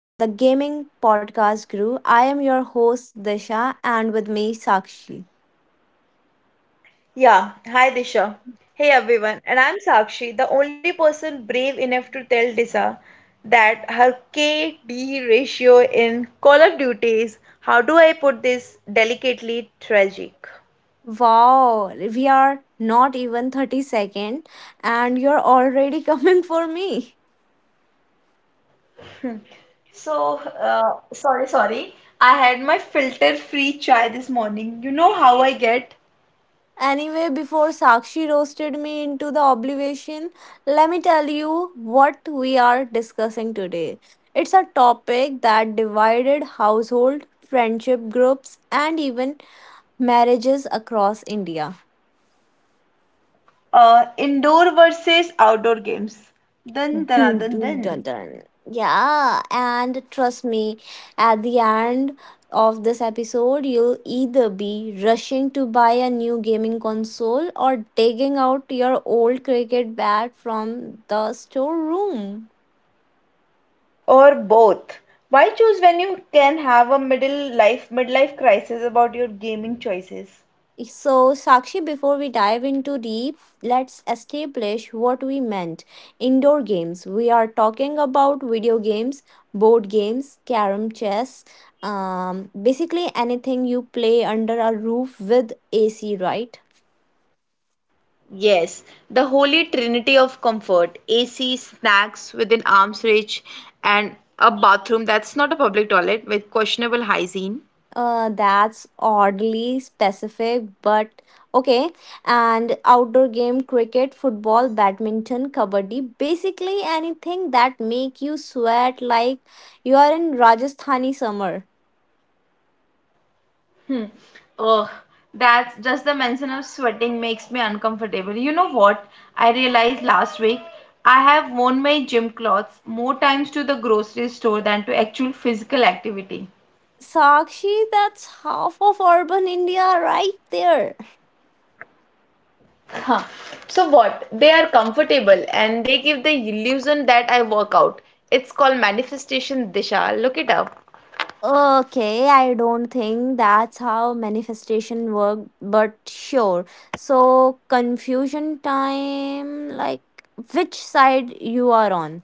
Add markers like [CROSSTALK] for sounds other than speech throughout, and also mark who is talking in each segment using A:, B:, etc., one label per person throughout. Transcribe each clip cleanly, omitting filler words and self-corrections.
A: the gaming podcast crew. I am your host, Disha, and with me, Sakshi.
B: Yeah, hi Disha. Hey everyone, and I'm Sakshi, the only person brave enough to tell Disha that her KD ratio in Call of Duty is, how do I put this delicately, tragic.
A: Wow, we are not even 30 seconds, and you're already [LAUGHS] coming for me.
B: Sorry. I had my filter-free chai this morning. You know how I get?
A: Anyway, before Sakshi roasted me into the obligation, let me tell you what we are discussing today. It's a topic that divided household, friendship groups, and even marriages across India.
B: Indoor versus outdoor games. Dun, dun,
A: Dun,
B: dun,
A: dun, dun,
B: dun.
A: dun. Yeah, and trust me, at the end of this episode, you'll either be rushing to buy a new gaming console or digging out your old cricket bat from the storeroom.
B: Or both? Why choose when you can have a middle life midlife crisis about your gaming choices?
A: So, Sakshi, before we dive into deep, let's establish what we meant. Indoor games. We are talking about video games, board games, carom, chess, basically anything you play under a roof with AC, right?
B: Yes, the holy trinity of comfort, AC, snacks within arm's reach, and a bathroom that's not a public toilet with questionable hygiene.
A: That's oddly specific, but okay. And outdoor game, cricket, football, badminton, kabaddi, basically anything that make you sweat like you are in Rajasthani summer.
B: Hmm. Ugh, that's just the mention of sweating makes me uncomfortable. You know what? I realized last week I have worn my gym clothes more times to the grocery store than to actual physical activity.
A: Sakshi, that's half of urban India right there.
B: Huh. So what? They are comfortable and they give the illusion that I work out. It's called manifestation, disha. Look it up.
A: Okay, I don't think that's how manifestation work, but sure. So, confusion time, like which side you are on?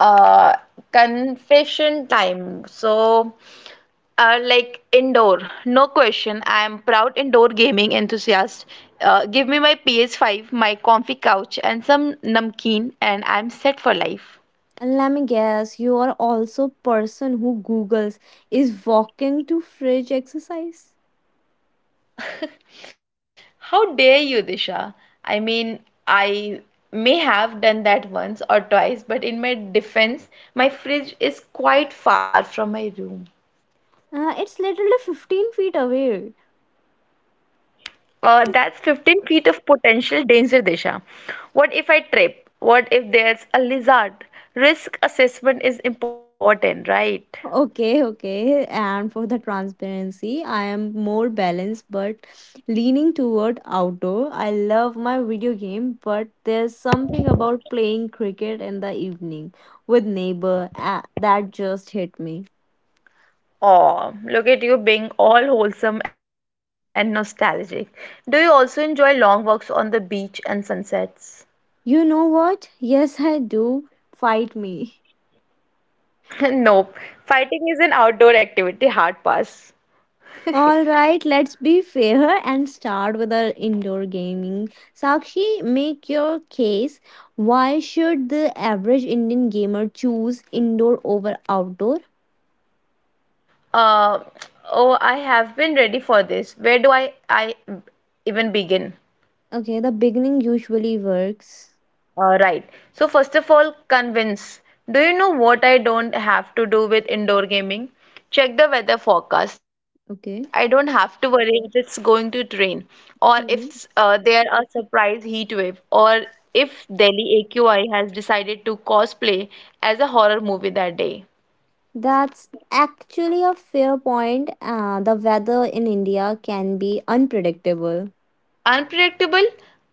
B: Uh, Confession time. So, indoor, no question. I am proud indoor gaming enthusiast. Give me my PS5, my comfy couch, and some namkeen, and I'm set for life.
A: Let me guess, you are also person who googles is walking to fridge exercise.
B: How dare you, Disha? I mean, I may have done that once or twice, but in my defense, my fridge is quite far from my room.
A: It's literally 15 feet away.
B: That's 15 feet of potential danger, Disha. What if I trip? What if there's a lizard? Risk assessment is important, right?
A: Okay, okay. And for the transparency, I am more balanced but leaning toward outdoor. I love my video game, but there's something about playing cricket in the evening with neighbor that just hit me.
B: Oh, look at you being all wholesome and nostalgic. Do you also enjoy long walks on the beach and sunsets?
A: You know what? Yes, I do. Fight me.
B: [LAUGHS] Nope. Fighting is an outdoor activity, hard pass. [LAUGHS]
A: All right, let's be fair and start with our indoor gaming. Sakshi, make your case. Why should the average Indian gamer choose indoor over outdoor?
B: Uh, oh, I have been ready for this. Where do I even begin?
A: Okay, the beginning usually works.
B: Right. So first of all, convince. Do you know what I don't have to do with indoor gaming? Check the weather
A: Okay.
B: forecast. I don't have to worry if it's going to rain, or
A: Mhm.
B: if there are surprise heat wave, or if Delhi AQI has decided to cosplay as a horror movie that day.
A: That's actually a fair point. The weather in India can be unpredictable.
B: unpredictable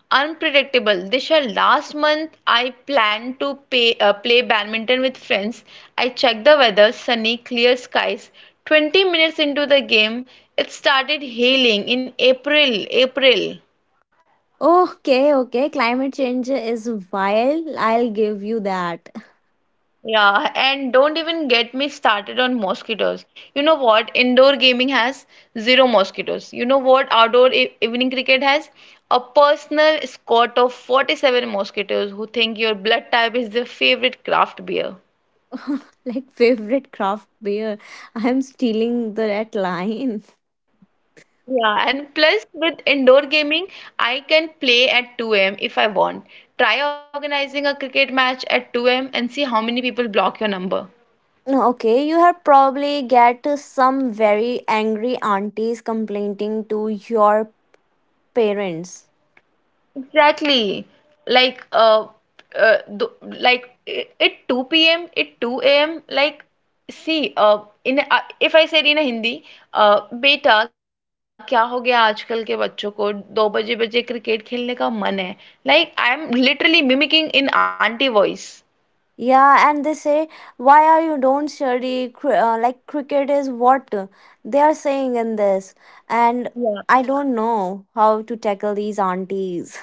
B: unpredictable, Disha, last month I planned to play badminton with friends. I checked the weather, sunny, clear skies. 20 minutes into the game, it started hailing in april.
A: Okay, okay, climate change is wild. I'll give you that.
B: Yeah, and don't even get me started on mosquitoes. You know what? Indoor gaming has zero mosquitoes. You know what? Outdoor e evening cricket has a personal squad of 47 mosquitoes who think your blood type is their favorite craft beer.
A: [LAUGHS] Like favorite craft beer. I'm stealing the red line.
B: Yeah, and plus with indoor gaming, I can play at 2 a.m. if I want. Try organizing a cricket match at 2 a.m. and see how many people block your number.
A: No, okay, you have probably get some very angry aunties complaining to your parents.
B: Exactly. Like uh, uh th like at 2 p.m., at 2 a.m., like see in if I said in a Hindi uh बेटा क्या हो गया आजकल के बच्चों को दो बजे बजे क्रिकेट खेलने का मन है. Like, I am literally mimicking in auntie voice.
A: Yeah, and they say, "Why are you don't study? Like cricket is what they are saying in this." And I don't
B: Yeah.
A: know how to tackle these aunties.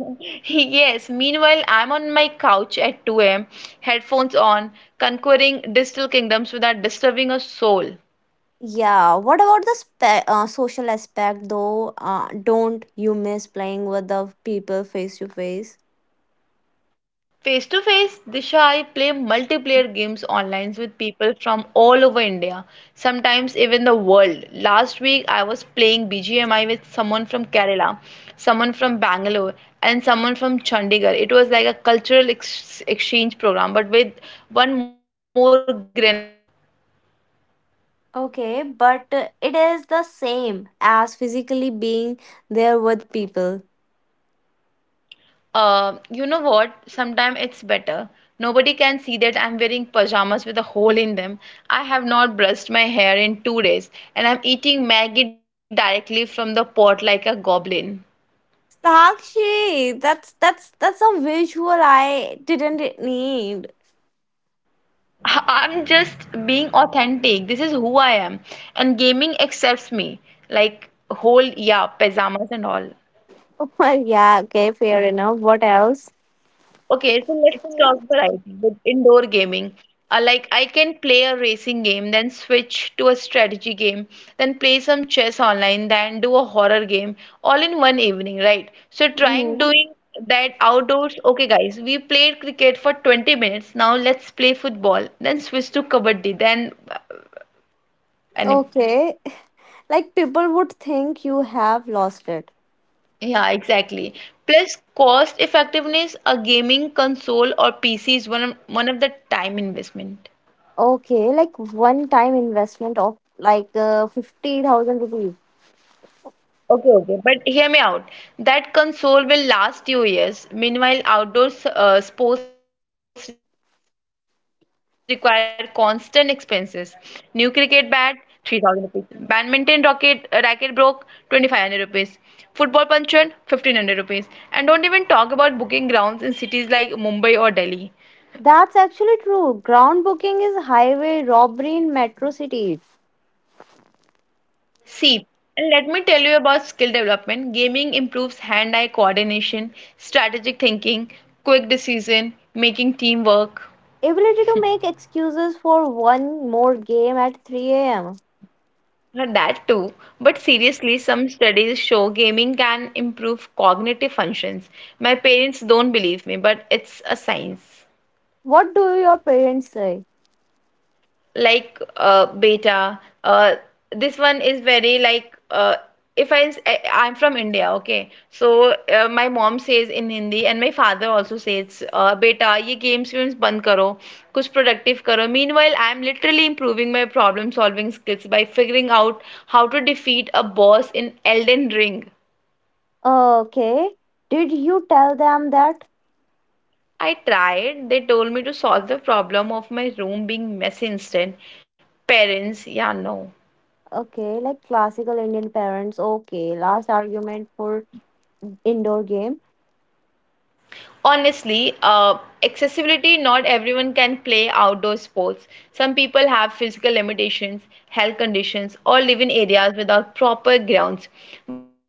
B: [LAUGHS] Yes. Meanwhile, I'm on my couch at 2 a.m., headphones on, conquering digital kingdoms without disturbing a soul.
A: Yeah, what about the social aspect though? Don't you miss playing with the people face to face?
B: Face to face, Disha, I play multiplayer games online with people from all over India, sometimes even the world. Last week, I was playing BGMI with someone from Kerala, someone from Bangalore, and someone from Chandigarh. It was like a cultural exchange program, but with one more grenades.
A: Okay, but it is the same as physically being there with people.
B: You know what? Sometimes it's better. Nobody can see that I'm wearing pajamas with a hole in them, I have not brushed my hair in 2 days, and I'm eating Maggie directly from the pot like a goblin.
A: Sakshi, that's a visual I didn't need.
B: [LAUGHS] I'm just being authentic. This is who I am. And gaming accepts me. Like, whole, yeah, pajamas and all.
A: Oh my, yeah, okay, fair enough. What else?
B: Okay, so let's talk variety with indoor gaming. Like I can play a racing game, then switch to a strategy game, then play some chess online, then do a horror game, all in one evening, right? So trying
A: Mhm.
B: doing that outdoors. Okay, guys, we played cricket for 20 minutes. Now let's play football, then switch to kabaddi, then and
A: Okay, [LAUGHS] like people would think you have lost it.
B: Yeah, exactly. Plus cost effectiveness, a gaming console or PC is one of the time investment.
A: Okay, like one time investment of like 50,000 rupees.
B: Okay, okay, but hear me out. That console will last you years. Meanwhile, outdoor sports require constant expenses. New cricket bat, 3,000 rupees. Badminton racket broke, 2,500 rupees. Football puncher, 1,500 rupees. And don't even talk about booking grounds in cities like Mumbai or Delhi.
A: That's actually true. Ground booking is highway robbery in metro cities.
B: See, and let me tell you about skill development. Gaming improves hand-eye coordination, strategic thinking, quick decision, making teamwork.
A: Ability to make excuses for one more game at 3 a.m.
B: And that too, but seriously, some studies show gaming can improve cognitive functions. My parents don't believe me, but it's a science.
A: What do your parents say?
B: Like beta, this one is very like if I'm s- I sii am from India, okay. So my mom says in Hindi, and my father also says, "Beta, ye games बंद karo, kuch productive karo." Meanwhile, I'm literally improving my problem solving skills by figuring out how to defeat a boss in Elden Ring.
A: Okay, did you tell them that?
B: I tried. They told me to solve the problem of my room being messy instead. Parents, yeah, no.
A: Okay, like classical Indian parents. Okay, last argument for indoor game.
B: Honestly, accessibility, not everyone can play outdoor sports. Some people have physical limitations, health conditions, or live in areas without proper grounds.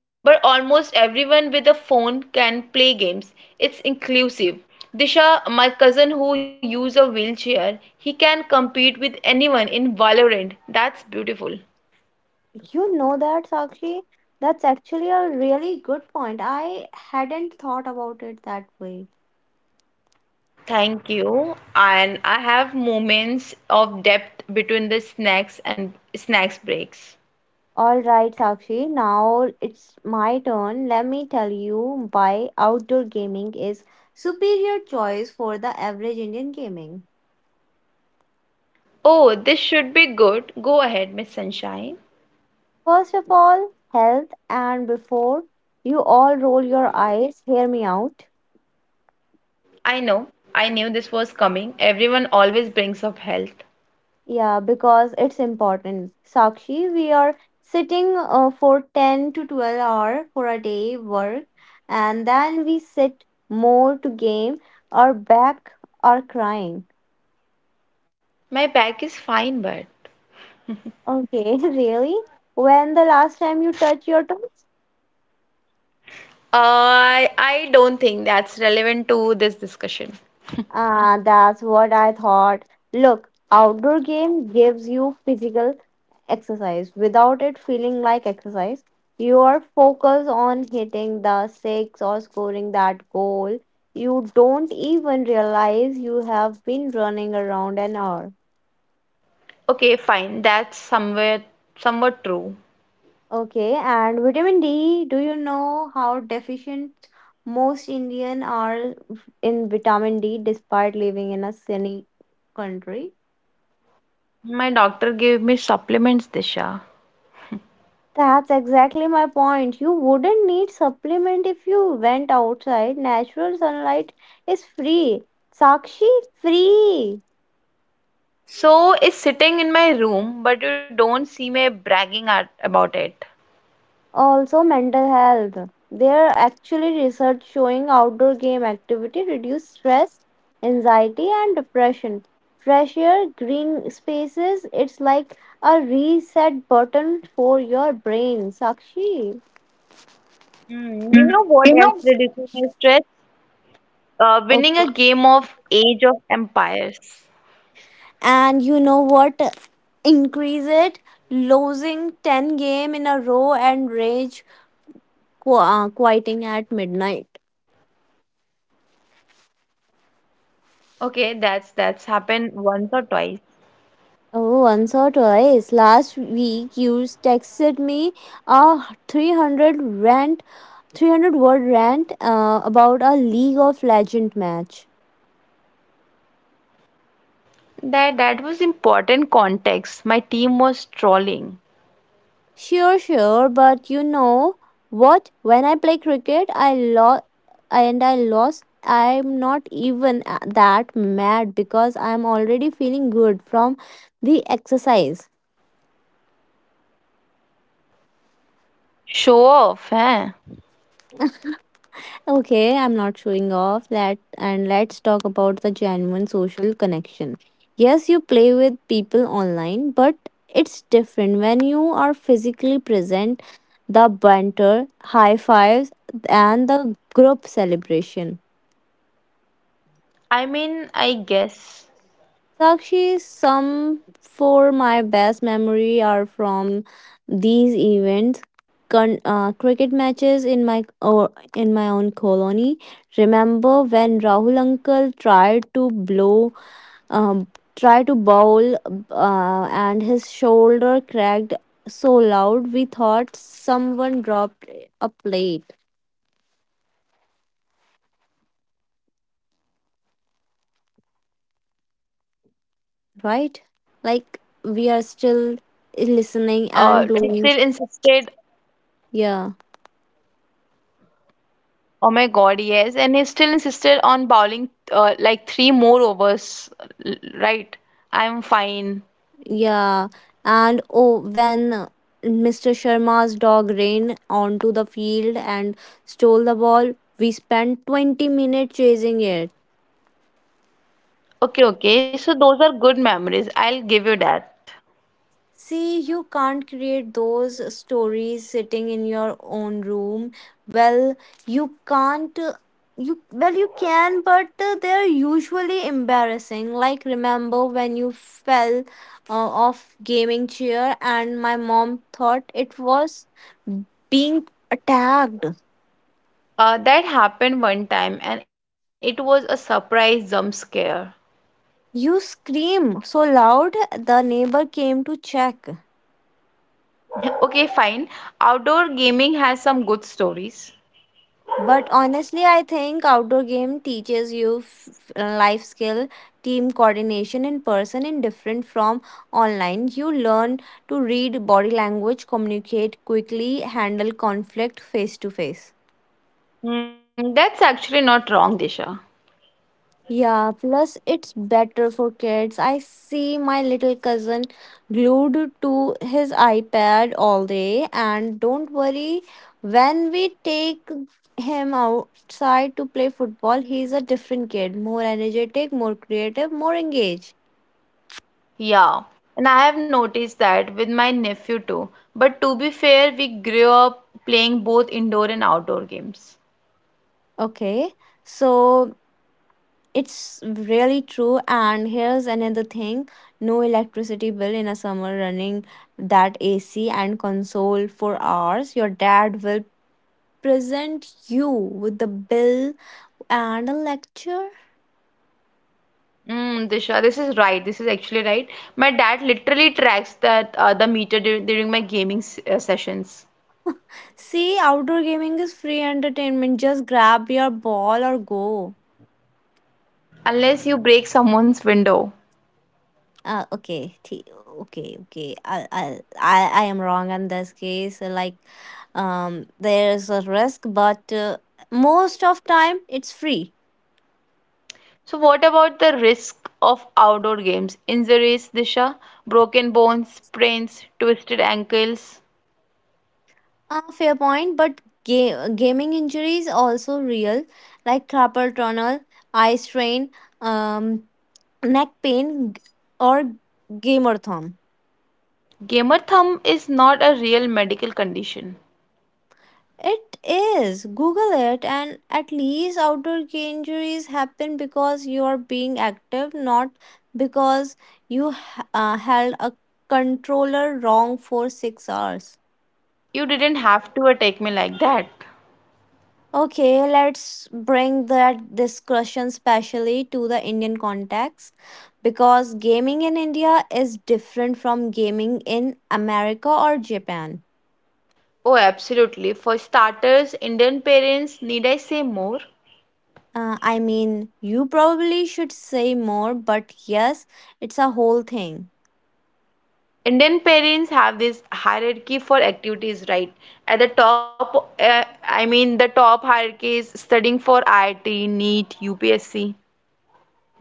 B: But almost everyone with a phone can play games. It's inclusive. Disha, my cousin who uses a wheelchair, he can compete with anyone in Valorant. That's beautiful.
A: You know that, Sakshi? That's actually a really good point. I hadn't thought about it that way.
B: Thank you. And I have moments of depth between the snacks and snacks breaks.
A: All right, Sakshi, now it's my turn. Let me tell you why outdoor gaming is superior choice for the average Indian gaming.
B: Oh, this should be good. Go ahead, Miss Sunshine.
A: First of all, health, and before you all roll your eyes, hear me out.
B: I know. I knew this was coming. Everyone always brings up health.
A: Yeah, because it's important. Sakshi, we are sitting for 10 to 12 hour for a day work, and then we sit more to game, our back are crying.
B: My back is fine, but
A: Okay, [LAUGHS] really? When the last time you touch your toes?
B: I don't think that's relevant to this discussion.
A: That's what I thought. Look, outdoor game gives you physical exercise without it feeling like exercise. You are focused on hitting the six or scoring that goal. You don't even realize you have been running around an hour.
B: Okay, fine. That's somewhere somewhat true.
A: Okay, and vitamin D, do you know how deficient most Indian are in vitamin D despite living in a sunny country?
B: My doctor gave me supplements, Disha.
A: That's exactly my point. You wouldn't need supplement if you went outside. Natural sunlight is free. Sakshi, free.
B: So is sitting in my room, but you don't see me bragging at, about it.
A: Also mental health. There are actually research showing outdoor game activity reduce stress, anxiety and depression. Fresh air, green spaces, it's like a reset button for your brain, Sakshi.
B: Mm, you know what
A: You
B: else
A: know,
B: reduces my stress? Winning
A: Okay.
B: a game of Age of Empires.
A: And you know what increase it, losing 10 game in a row and rage quitting at midnight.
B: Okay, that's happened once or twice.
A: Oh, once or twice. Last week, you texted me a 300 rant, 300 word rant about a League of Legend match.
B: That was important context. My team was
A: Sure,
B: trolling.
A: sure, but you know what? When I play cricket, I lost and I lost. I'm not even that mad because I'm already feeling good from the exercise.
B: Show off, eh?
A: Okay, I'm not showing off that, and let's talk about the genuine social connection. Yes, you play with people online, but it's different when you are physically present. The banter, high fives, and the group celebration.
B: I mean, I
A: Sakshi,
B: guess.
A: some for my best memory are from these events. Cricket matches in my own colony. Remember when Rahul uncle tried to blow, um, try to bowl, and his shoulder cracked so loud we thought someone dropped a plate.
B: Yeah, so our like
A: Right?
B: oh my
A: Like
B: God,
A: we are
B: yes.
A: still
B: And he still
A: listening
B: insisted.
A: and blowing. Yeah.
B: Oh my God, yes. And he still insisted on bowling like three more overs, right? I'm fine.
A: Yeah, and oh, when Mr. Sharma's dog ran onto the field and stole the ball, we spent 20 minutes chasing it.
B: Okay, okay. So those are good memories. I'll give you that.
A: See, you can't create those stories sitting in your own room. Well, you can't. You well, you can, but they're usually embarrassing. Like remember when you fell off gaming chair and my mom thought it was being attacked.
B: That happened one time and it was a surprise jump scare.
A: You scream so loud, the neighbor came to check.
B: [LAUGHS] Okay, fine. Outdoor gaming has some good stories.
A: But honestly, I think outdoor game teaches you life skill, team coordination in person and different from online. You learn to read body language, communicate quickly, handle conflict face to face.
B: Mm, that's actually not wrong, Disha.
A: Yeah, plus it's better for kids. I see my little cousin glued to his iPad all day, and don't worry, when we take him outside to play football, he's a different kid, more energetic, more creative, more engaged.
B: Yeah, and I have noticed that with my nephew too. But to be fair, we grew up playing both indoor and outdoor games.
A: Okay, so it's really true. And here's another thing, no electricity bill in a summer running that AC and console for hours. Your dad will present you with the bill and a lecture.
B: Mm, Disha, this is right. This is actually right. My dad literally tracks that the meter during my gaming s sessions,
A: See, outdoor gaming is free entertainment. Just grab your ball or go.
B: unless you break someone's window.
A: Uh, okay, th- okay. I am wrong in this case. Like, there is a risk, but most of time it's free.
B: So, what about the risk of outdoor games? Injuries, Disha, broken bones, sprains, twisted ankles.
A: Fair point, but gaming injuries also real, like carpal tunnel, eye strain, um, neck pain or gamer thumb.
B: Gamer thumb is not a real medical condition.
A: It is. Google it, and at least outdoor injuries happen because you are being active, not because you held a controller wrong for 6 hours.
B: You didn't have to attack me like that.
A: Okay, let's bring that discussion specially to the Indian context because gaming in India is different from gaming in America or Japan.
B: Oh, absolutely. For starters, Indian parents, need I say more?
A: I mean, you probably should say more, but yes, it's a whole thing.
B: Indian parents have this hierarchy for activities, right? At the top, the top hierarchy is studying for IIT, NEET, UPSC.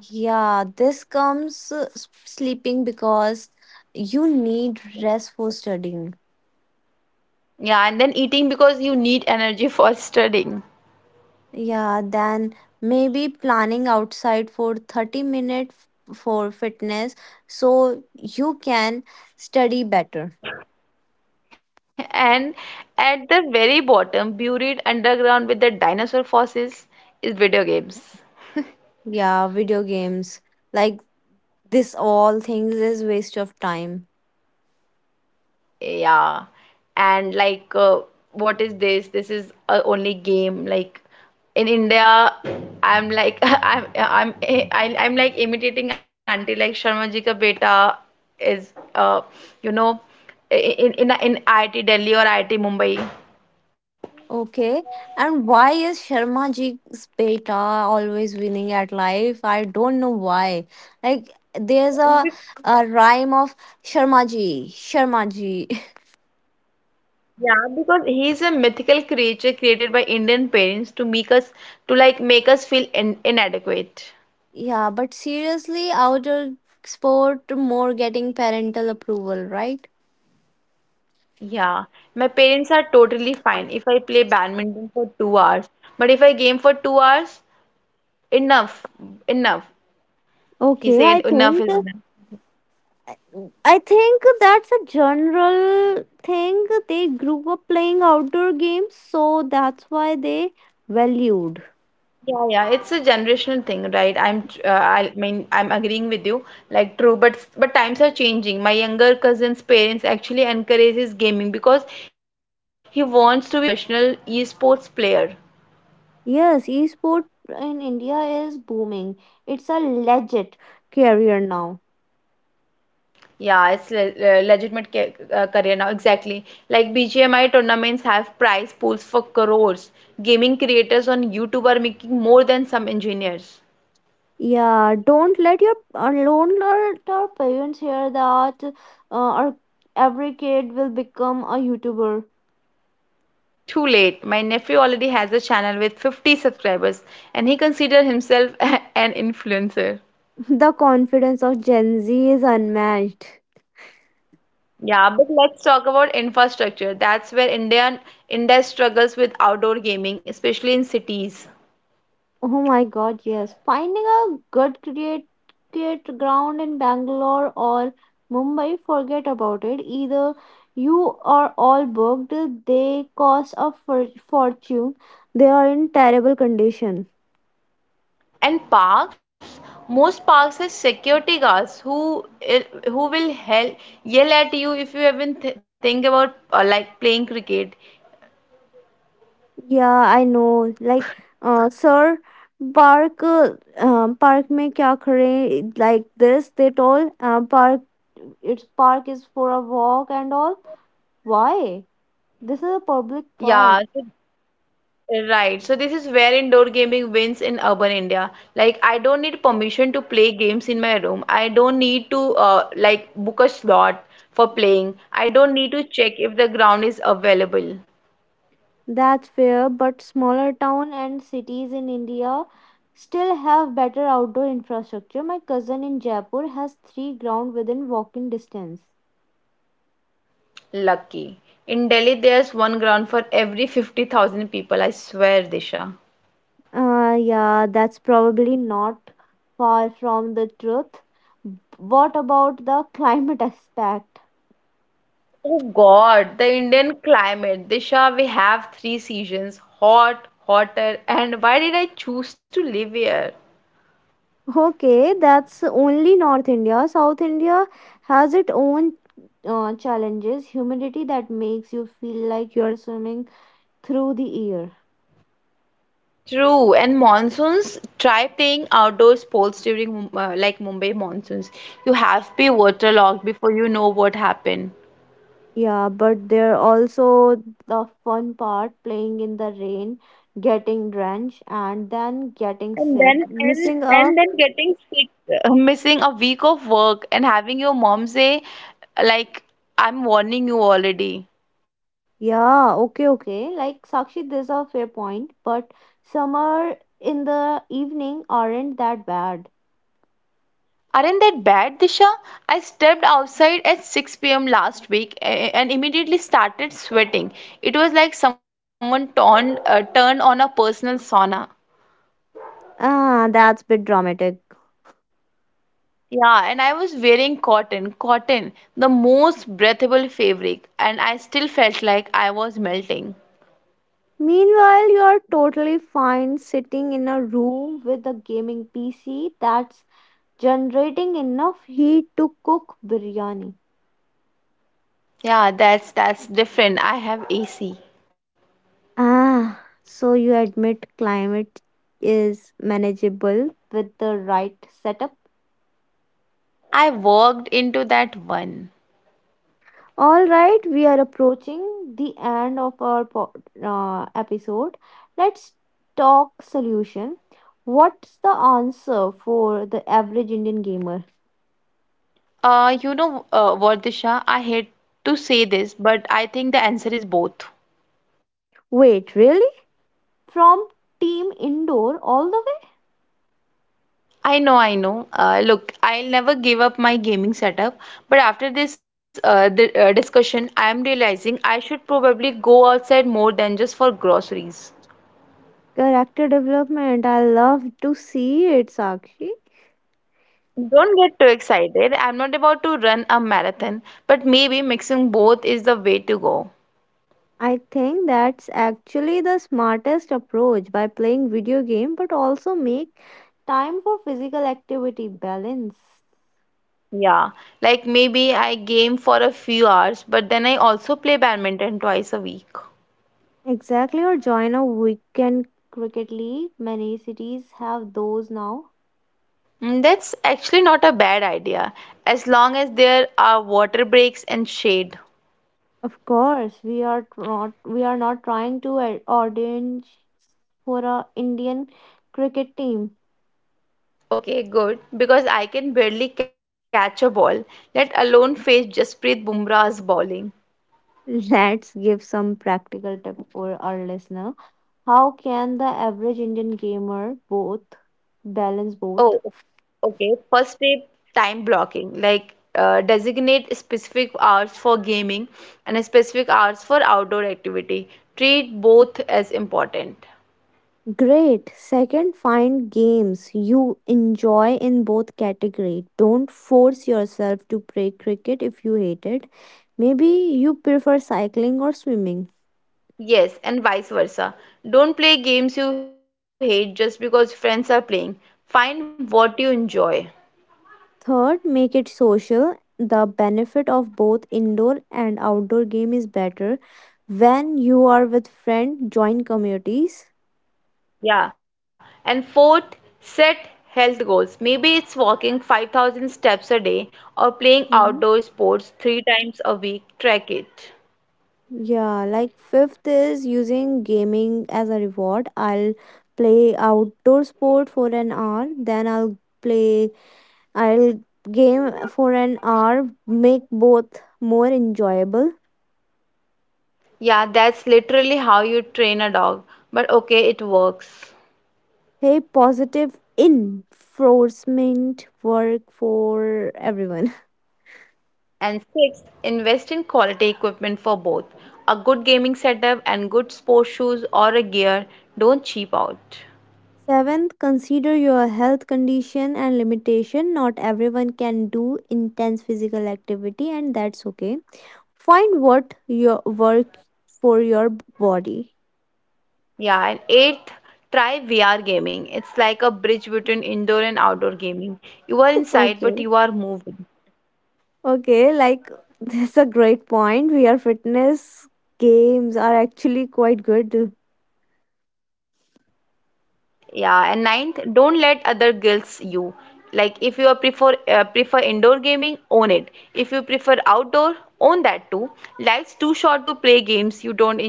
A: Yeah, this comes sleeping because you need rest for studying.
B: Yeah, and then eating because you need energy for studying.
A: Yeah, then maybe planning outside for 30 minutes for fitness so you can study better.
B: [LAUGHS] And at the very bottom, buried underground with the dinosaur fossils, is video games.
A: Yeah, video games, like this all things is waste of time.
B: Yeah. And what is this? This is a only game. Like in India, I'm like [LAUGHS] I'm like imitating auntie like Sharma Ji Ka Beta is you know in IIT Delhi or IIT Mumbai.
A: Okay. And why is Sharma ji's beta always winning at life? I don't know why. Like there's a,
B: Be-
A: a rhyme of Sharma ji, Sharma ji. [LAUGHS]
B: Yeah, because he's a mythical creature created by Indian parents to make us to make us feel in inadequate.
A: Yeah, but seriously, outer sport more getting parental approval, right?
B: Yeah, my parents are totally fine if I play badminton for 2 hours. But if I game for 2 hours, enough, enough. He
A: Okay, I
B: said enough
A: think
B: is enough.
A: I think that's a general thing. They grew up playing outdoor games, so that's why they valued.
B: Yeah, yeah, it's a generational thing, right? I'm, tr- I mean, I'm agreeing with you. Like true, but but times are changing. My younger cousin's parents actually encourages gaming because he wants to be a professional esports player.
A: Yes, esport in India is booming. It's a legit career now.
B: Yeah, it's legitimate ca career now, exactly. Like BGMI tournaments have prize pools for crores. Gaming creators on YouTube are making more than some engineers.
A: Yeah, don't let your alone let our parents hear that our every kid will become a YouTuber.
B: Too late. My nephew already has a channel with 50 subscribers and he considers himself [LAUGHS] an influencer.
A: [LAUGHS] The confidence of Gen Z is unmatched.
B: Yeah, but let's talk about infrastructure. That's where India struggles with outdoor gaming, especially in cities.
A: Oh my god, yes. Finding a good create ground in Bangalore or Mumbai, forget about it. Either you are all booked, they cost a fortune, they are in terrible condition.
B: And parks, most parks has security guards who will yell at you if you even th think about playing cricket.
A: Yeah, I know. Like, sir, park, park mein kya kare like this? They told, park, its park is for a walk and all. Why? This is a public
B: Yeah,
A: park.
B: so- right. So this is where indoor gaming wins in urban India. Like I don't need permission to play games in my room. I don't need to book a slot for playing. I don't need to check if the ground is available.
A: That's fair, but smaller town and cities in India still have better outdoor infrastructure. My cousin in Jaipur has three ground within walking distance.
B: Lucky. In Delhi, there's one ground for every 50,000 people. I swear, Disha.
A: Yeah, that's probably not far from the truth. What about the [LAUGHS] climate aspect?
B: Oh God, the Indian climate. Disha, we have three seasons: hot, hotter, and why did I choose to live here?
A: Okay, that's only North India. South India has its own challenges. Humidity that makes you feel like you're swimming through the air.
B: True, and monsoons, try playing outdoor sports during like Mumbai monsoons. You have to be waterlogged before you know what happened.
A: Yeah, but there also the fun part, playing in the rain, getting drenched and then getting sick. Missing a
B: Missing a week of work and having your mom say, like, I'm warning you already.
A: Yeah, okay, okay. Like Sakshi, there's a fair point, but summer in the evening aren't that bad.
B: Aren't that bad, Disha? I stepped outside at 6 p.m. last week and immediately started sweating. It was like someone turned on a personal sauna.
A: Ah, that's bit dramatic.
B: Yeah, and I was wearing cotton, the most breathable fabric, and I still felt like I was melting.
A: Meanwhile, you're totally fine sitting in a room with a gaming PC that's generating enough heat to cook biryani.
B: Yeah, that's different. I have AC.
A: Ah, so you admit climate is manageable with the right setup.
B: I walked into that one.
A: All right, we are approaching the end of our episode. Let's talk solution. What's the answer for the average Indian gamer?
B: Vardisha, I hate to say this, but I think the answer is both.
A: Wait, really? From team indoor all the way?
B: I know. Look, I'll never give up my gaming setup, but after this discussion, I am realizing I should probably go outside more than just for groceries.
A: Character development. I love to see it, Sakshi.
B: Don't get too excited. I'm not about to run a marathon, but maybe mixing both is the way to go.
A: I think that's actually the smartest approach, by playing video game but also make time for physical activity balance.
B: Yeah, like maybe I game for a few hours, but then I also play badminton twice a week.
A: Exactly, or join a weekend cricket league. Many cities have those now.
B: Mm, that's actually not a bad idea, as long as there are water breaks and shade.
A: Of course, we are not trying to ordain for a Indian cricket team.
B: Okay, good. Because I can barely catch a ball, let alone face Jasprit Bumrah's bowling.
A: Let's give some practical tip for our listener. How can the average Indian gamer both balance both?
B: Oh, okay. First step, time blocking. Designate specific hours for gaming and specific hours for outdoor activity. Treat both as important.
A: Great. Second, find games you enjoy in both category. Don't force yourself to play cricket if you hate it. Maybe you prefer cycling or swimming.
B: Yes, and vice versa. Don't play games you hate just because friends are playing. Find what you enjoy.
A: Third, make it social. The benefit of both indoor and outdoor game is better when you are with friends, join communities.
B: Yeah. And fourth, set health goals. Maybe it's walking 5,000 steps a day or playing outdoor sports three times a week. Track it.
A: Yeah, like fifth is using gaming as a reward. I'll play outdoor sport for an hour, then play, I'll game for an hour, make both more enjoyable.
B: Yeah, that's literally how you train a dog. But okay, it works.
A: Hey, positive enforcement work for everyone.
B: And sixth, invest in quality equipment for both. A good gaming setup and good sport shoes or a gear. Don't cheap
A: [LAUGHS]
B: out.
A: Seventh, consider your health condition and limitation. Not everyone can do intense physical activity, and that's okay. Find what your work for your body.
B: Yeah, and eighth, try VR gaming. It's like a bridge between indoor and outdoor gaming. You are inside, but
A: Okay.
B: you are moving.
A: Okay, like [LAUGHS] this is a great point. We are fitness games are actually quite good.
B: Yeah, and ninth, don't let other guilts you. Like if you are prefer prefer indoor gaming, own it. If you prefer outdoor, own that too. Life's too short to play games you don't enjoy.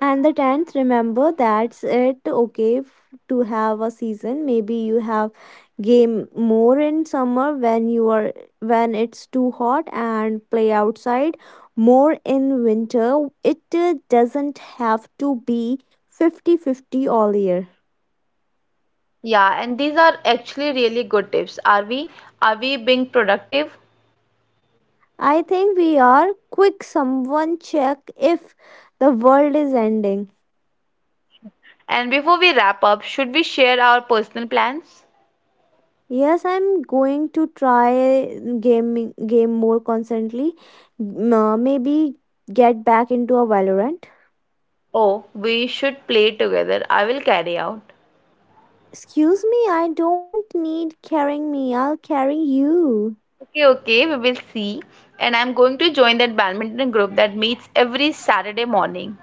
A: And the tenth, remember that's it. Okay, to have a season, maybe you have game more in summer when you are when it's too hot and play outside. More in winter, it doesn't have to be 50/50 all year.
B: Yeah, and these are actually really good tips. Are we being productive?
A: I think we are. Quick, someone check if the world is ending.
B: And before we wrap up, should we share our personal plans?
A: Yes, I'm going to try gaming game more constantly. Maybe get back into a Valorant.
B: Oh, we should play together. I will carry out.
A: Excuse me, I don't need carrying me. I'll carry you.
B: Okay, okay, we will see. And I'm going to join that badminton group that meets every Saturday morning.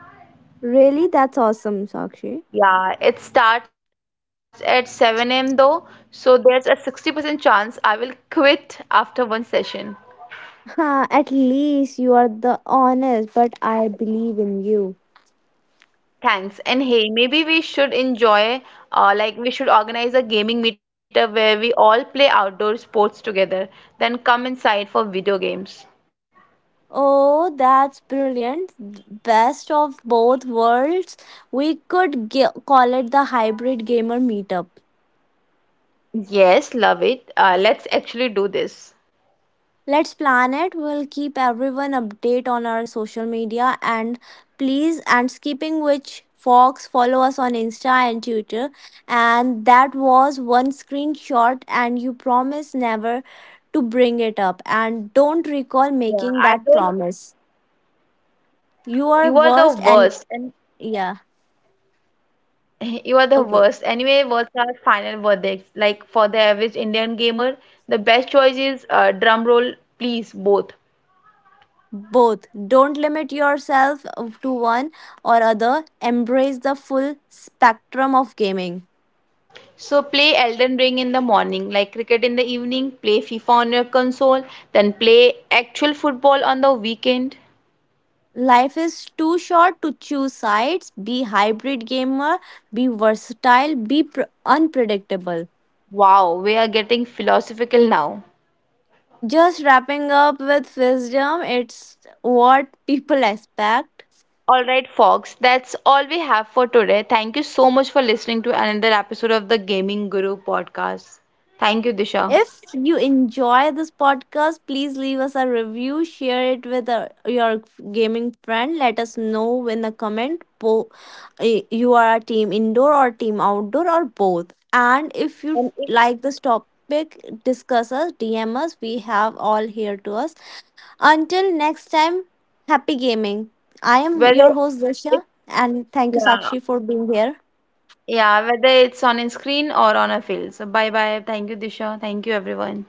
A: Really? That's awesome, Sakshi. [LAUGHS]
B: Yeah, it starts at 7 a.m. though, so there's a 60% chance I will quit after one session.
A: Huh, at least you are the honest, but I believe in you.
B: Thanks. And hey, maybe we should organize a gaming meetup where we all play outdoor sports together, then come inside for video games.
A: Oh, that's brilliant. Best of both worlds. We could call it the hybrid gamer meetup.
B: Yes, love it. Let's actually do this.
A: Let's plan it. We'll keep everyone update on our social media, and please, and skipping which Fox, follow us on Insta and Twitter. And that was one screenshot and you promise never to bring it up and don't recall
B: Yeah,
A: making
B: I
A: that
B: don't.
A: promise. You are
B: You are the
A: worst, and
B: worst, and
A: yeah.
B: [LAUGHS] you are the
A: Okay.
B: worst. Anyway, what's our final verdicts? Like, for the average Indian gamer, the best choice is drum roll, please, both.
A: Both. Don't limit yourself to one or other. Embrace the full spectrum of gaming.
B: So play Elden Ring in the morning, like cricket in the evening, play FIFA on your console, then play actual football on the weekend.
A: Life is too short to choose sides. Be hybrid gamer, be versatile, be unpredictable.
B: Wow, we are getting philosophical now.
A: Just wrapping up with wisdom, it's what people expect.
B: All right, folks, that's all we have for today. Thank you so much for listening to another episode of the Gaming Guru podcast. Thank you, Disha.
A: If you enjoy this podcast, please leave us a review, share it with your gaming friend. Let us know in the comment you are a team indoor or team outdoor or both. And if
B: And
A: you
B: if
A: like this topic, discuss us, DM us. We have all here to us. Until next time, happy gaming. I am your
B: whether
A: host, Disha,
B: if
A: and thank you,
B: Yeah,
A: Sakshi, for being here.
B: yeah, whether it's on a screen or on a field. So bye bye. Thank you, Disha. Thank you, everyone.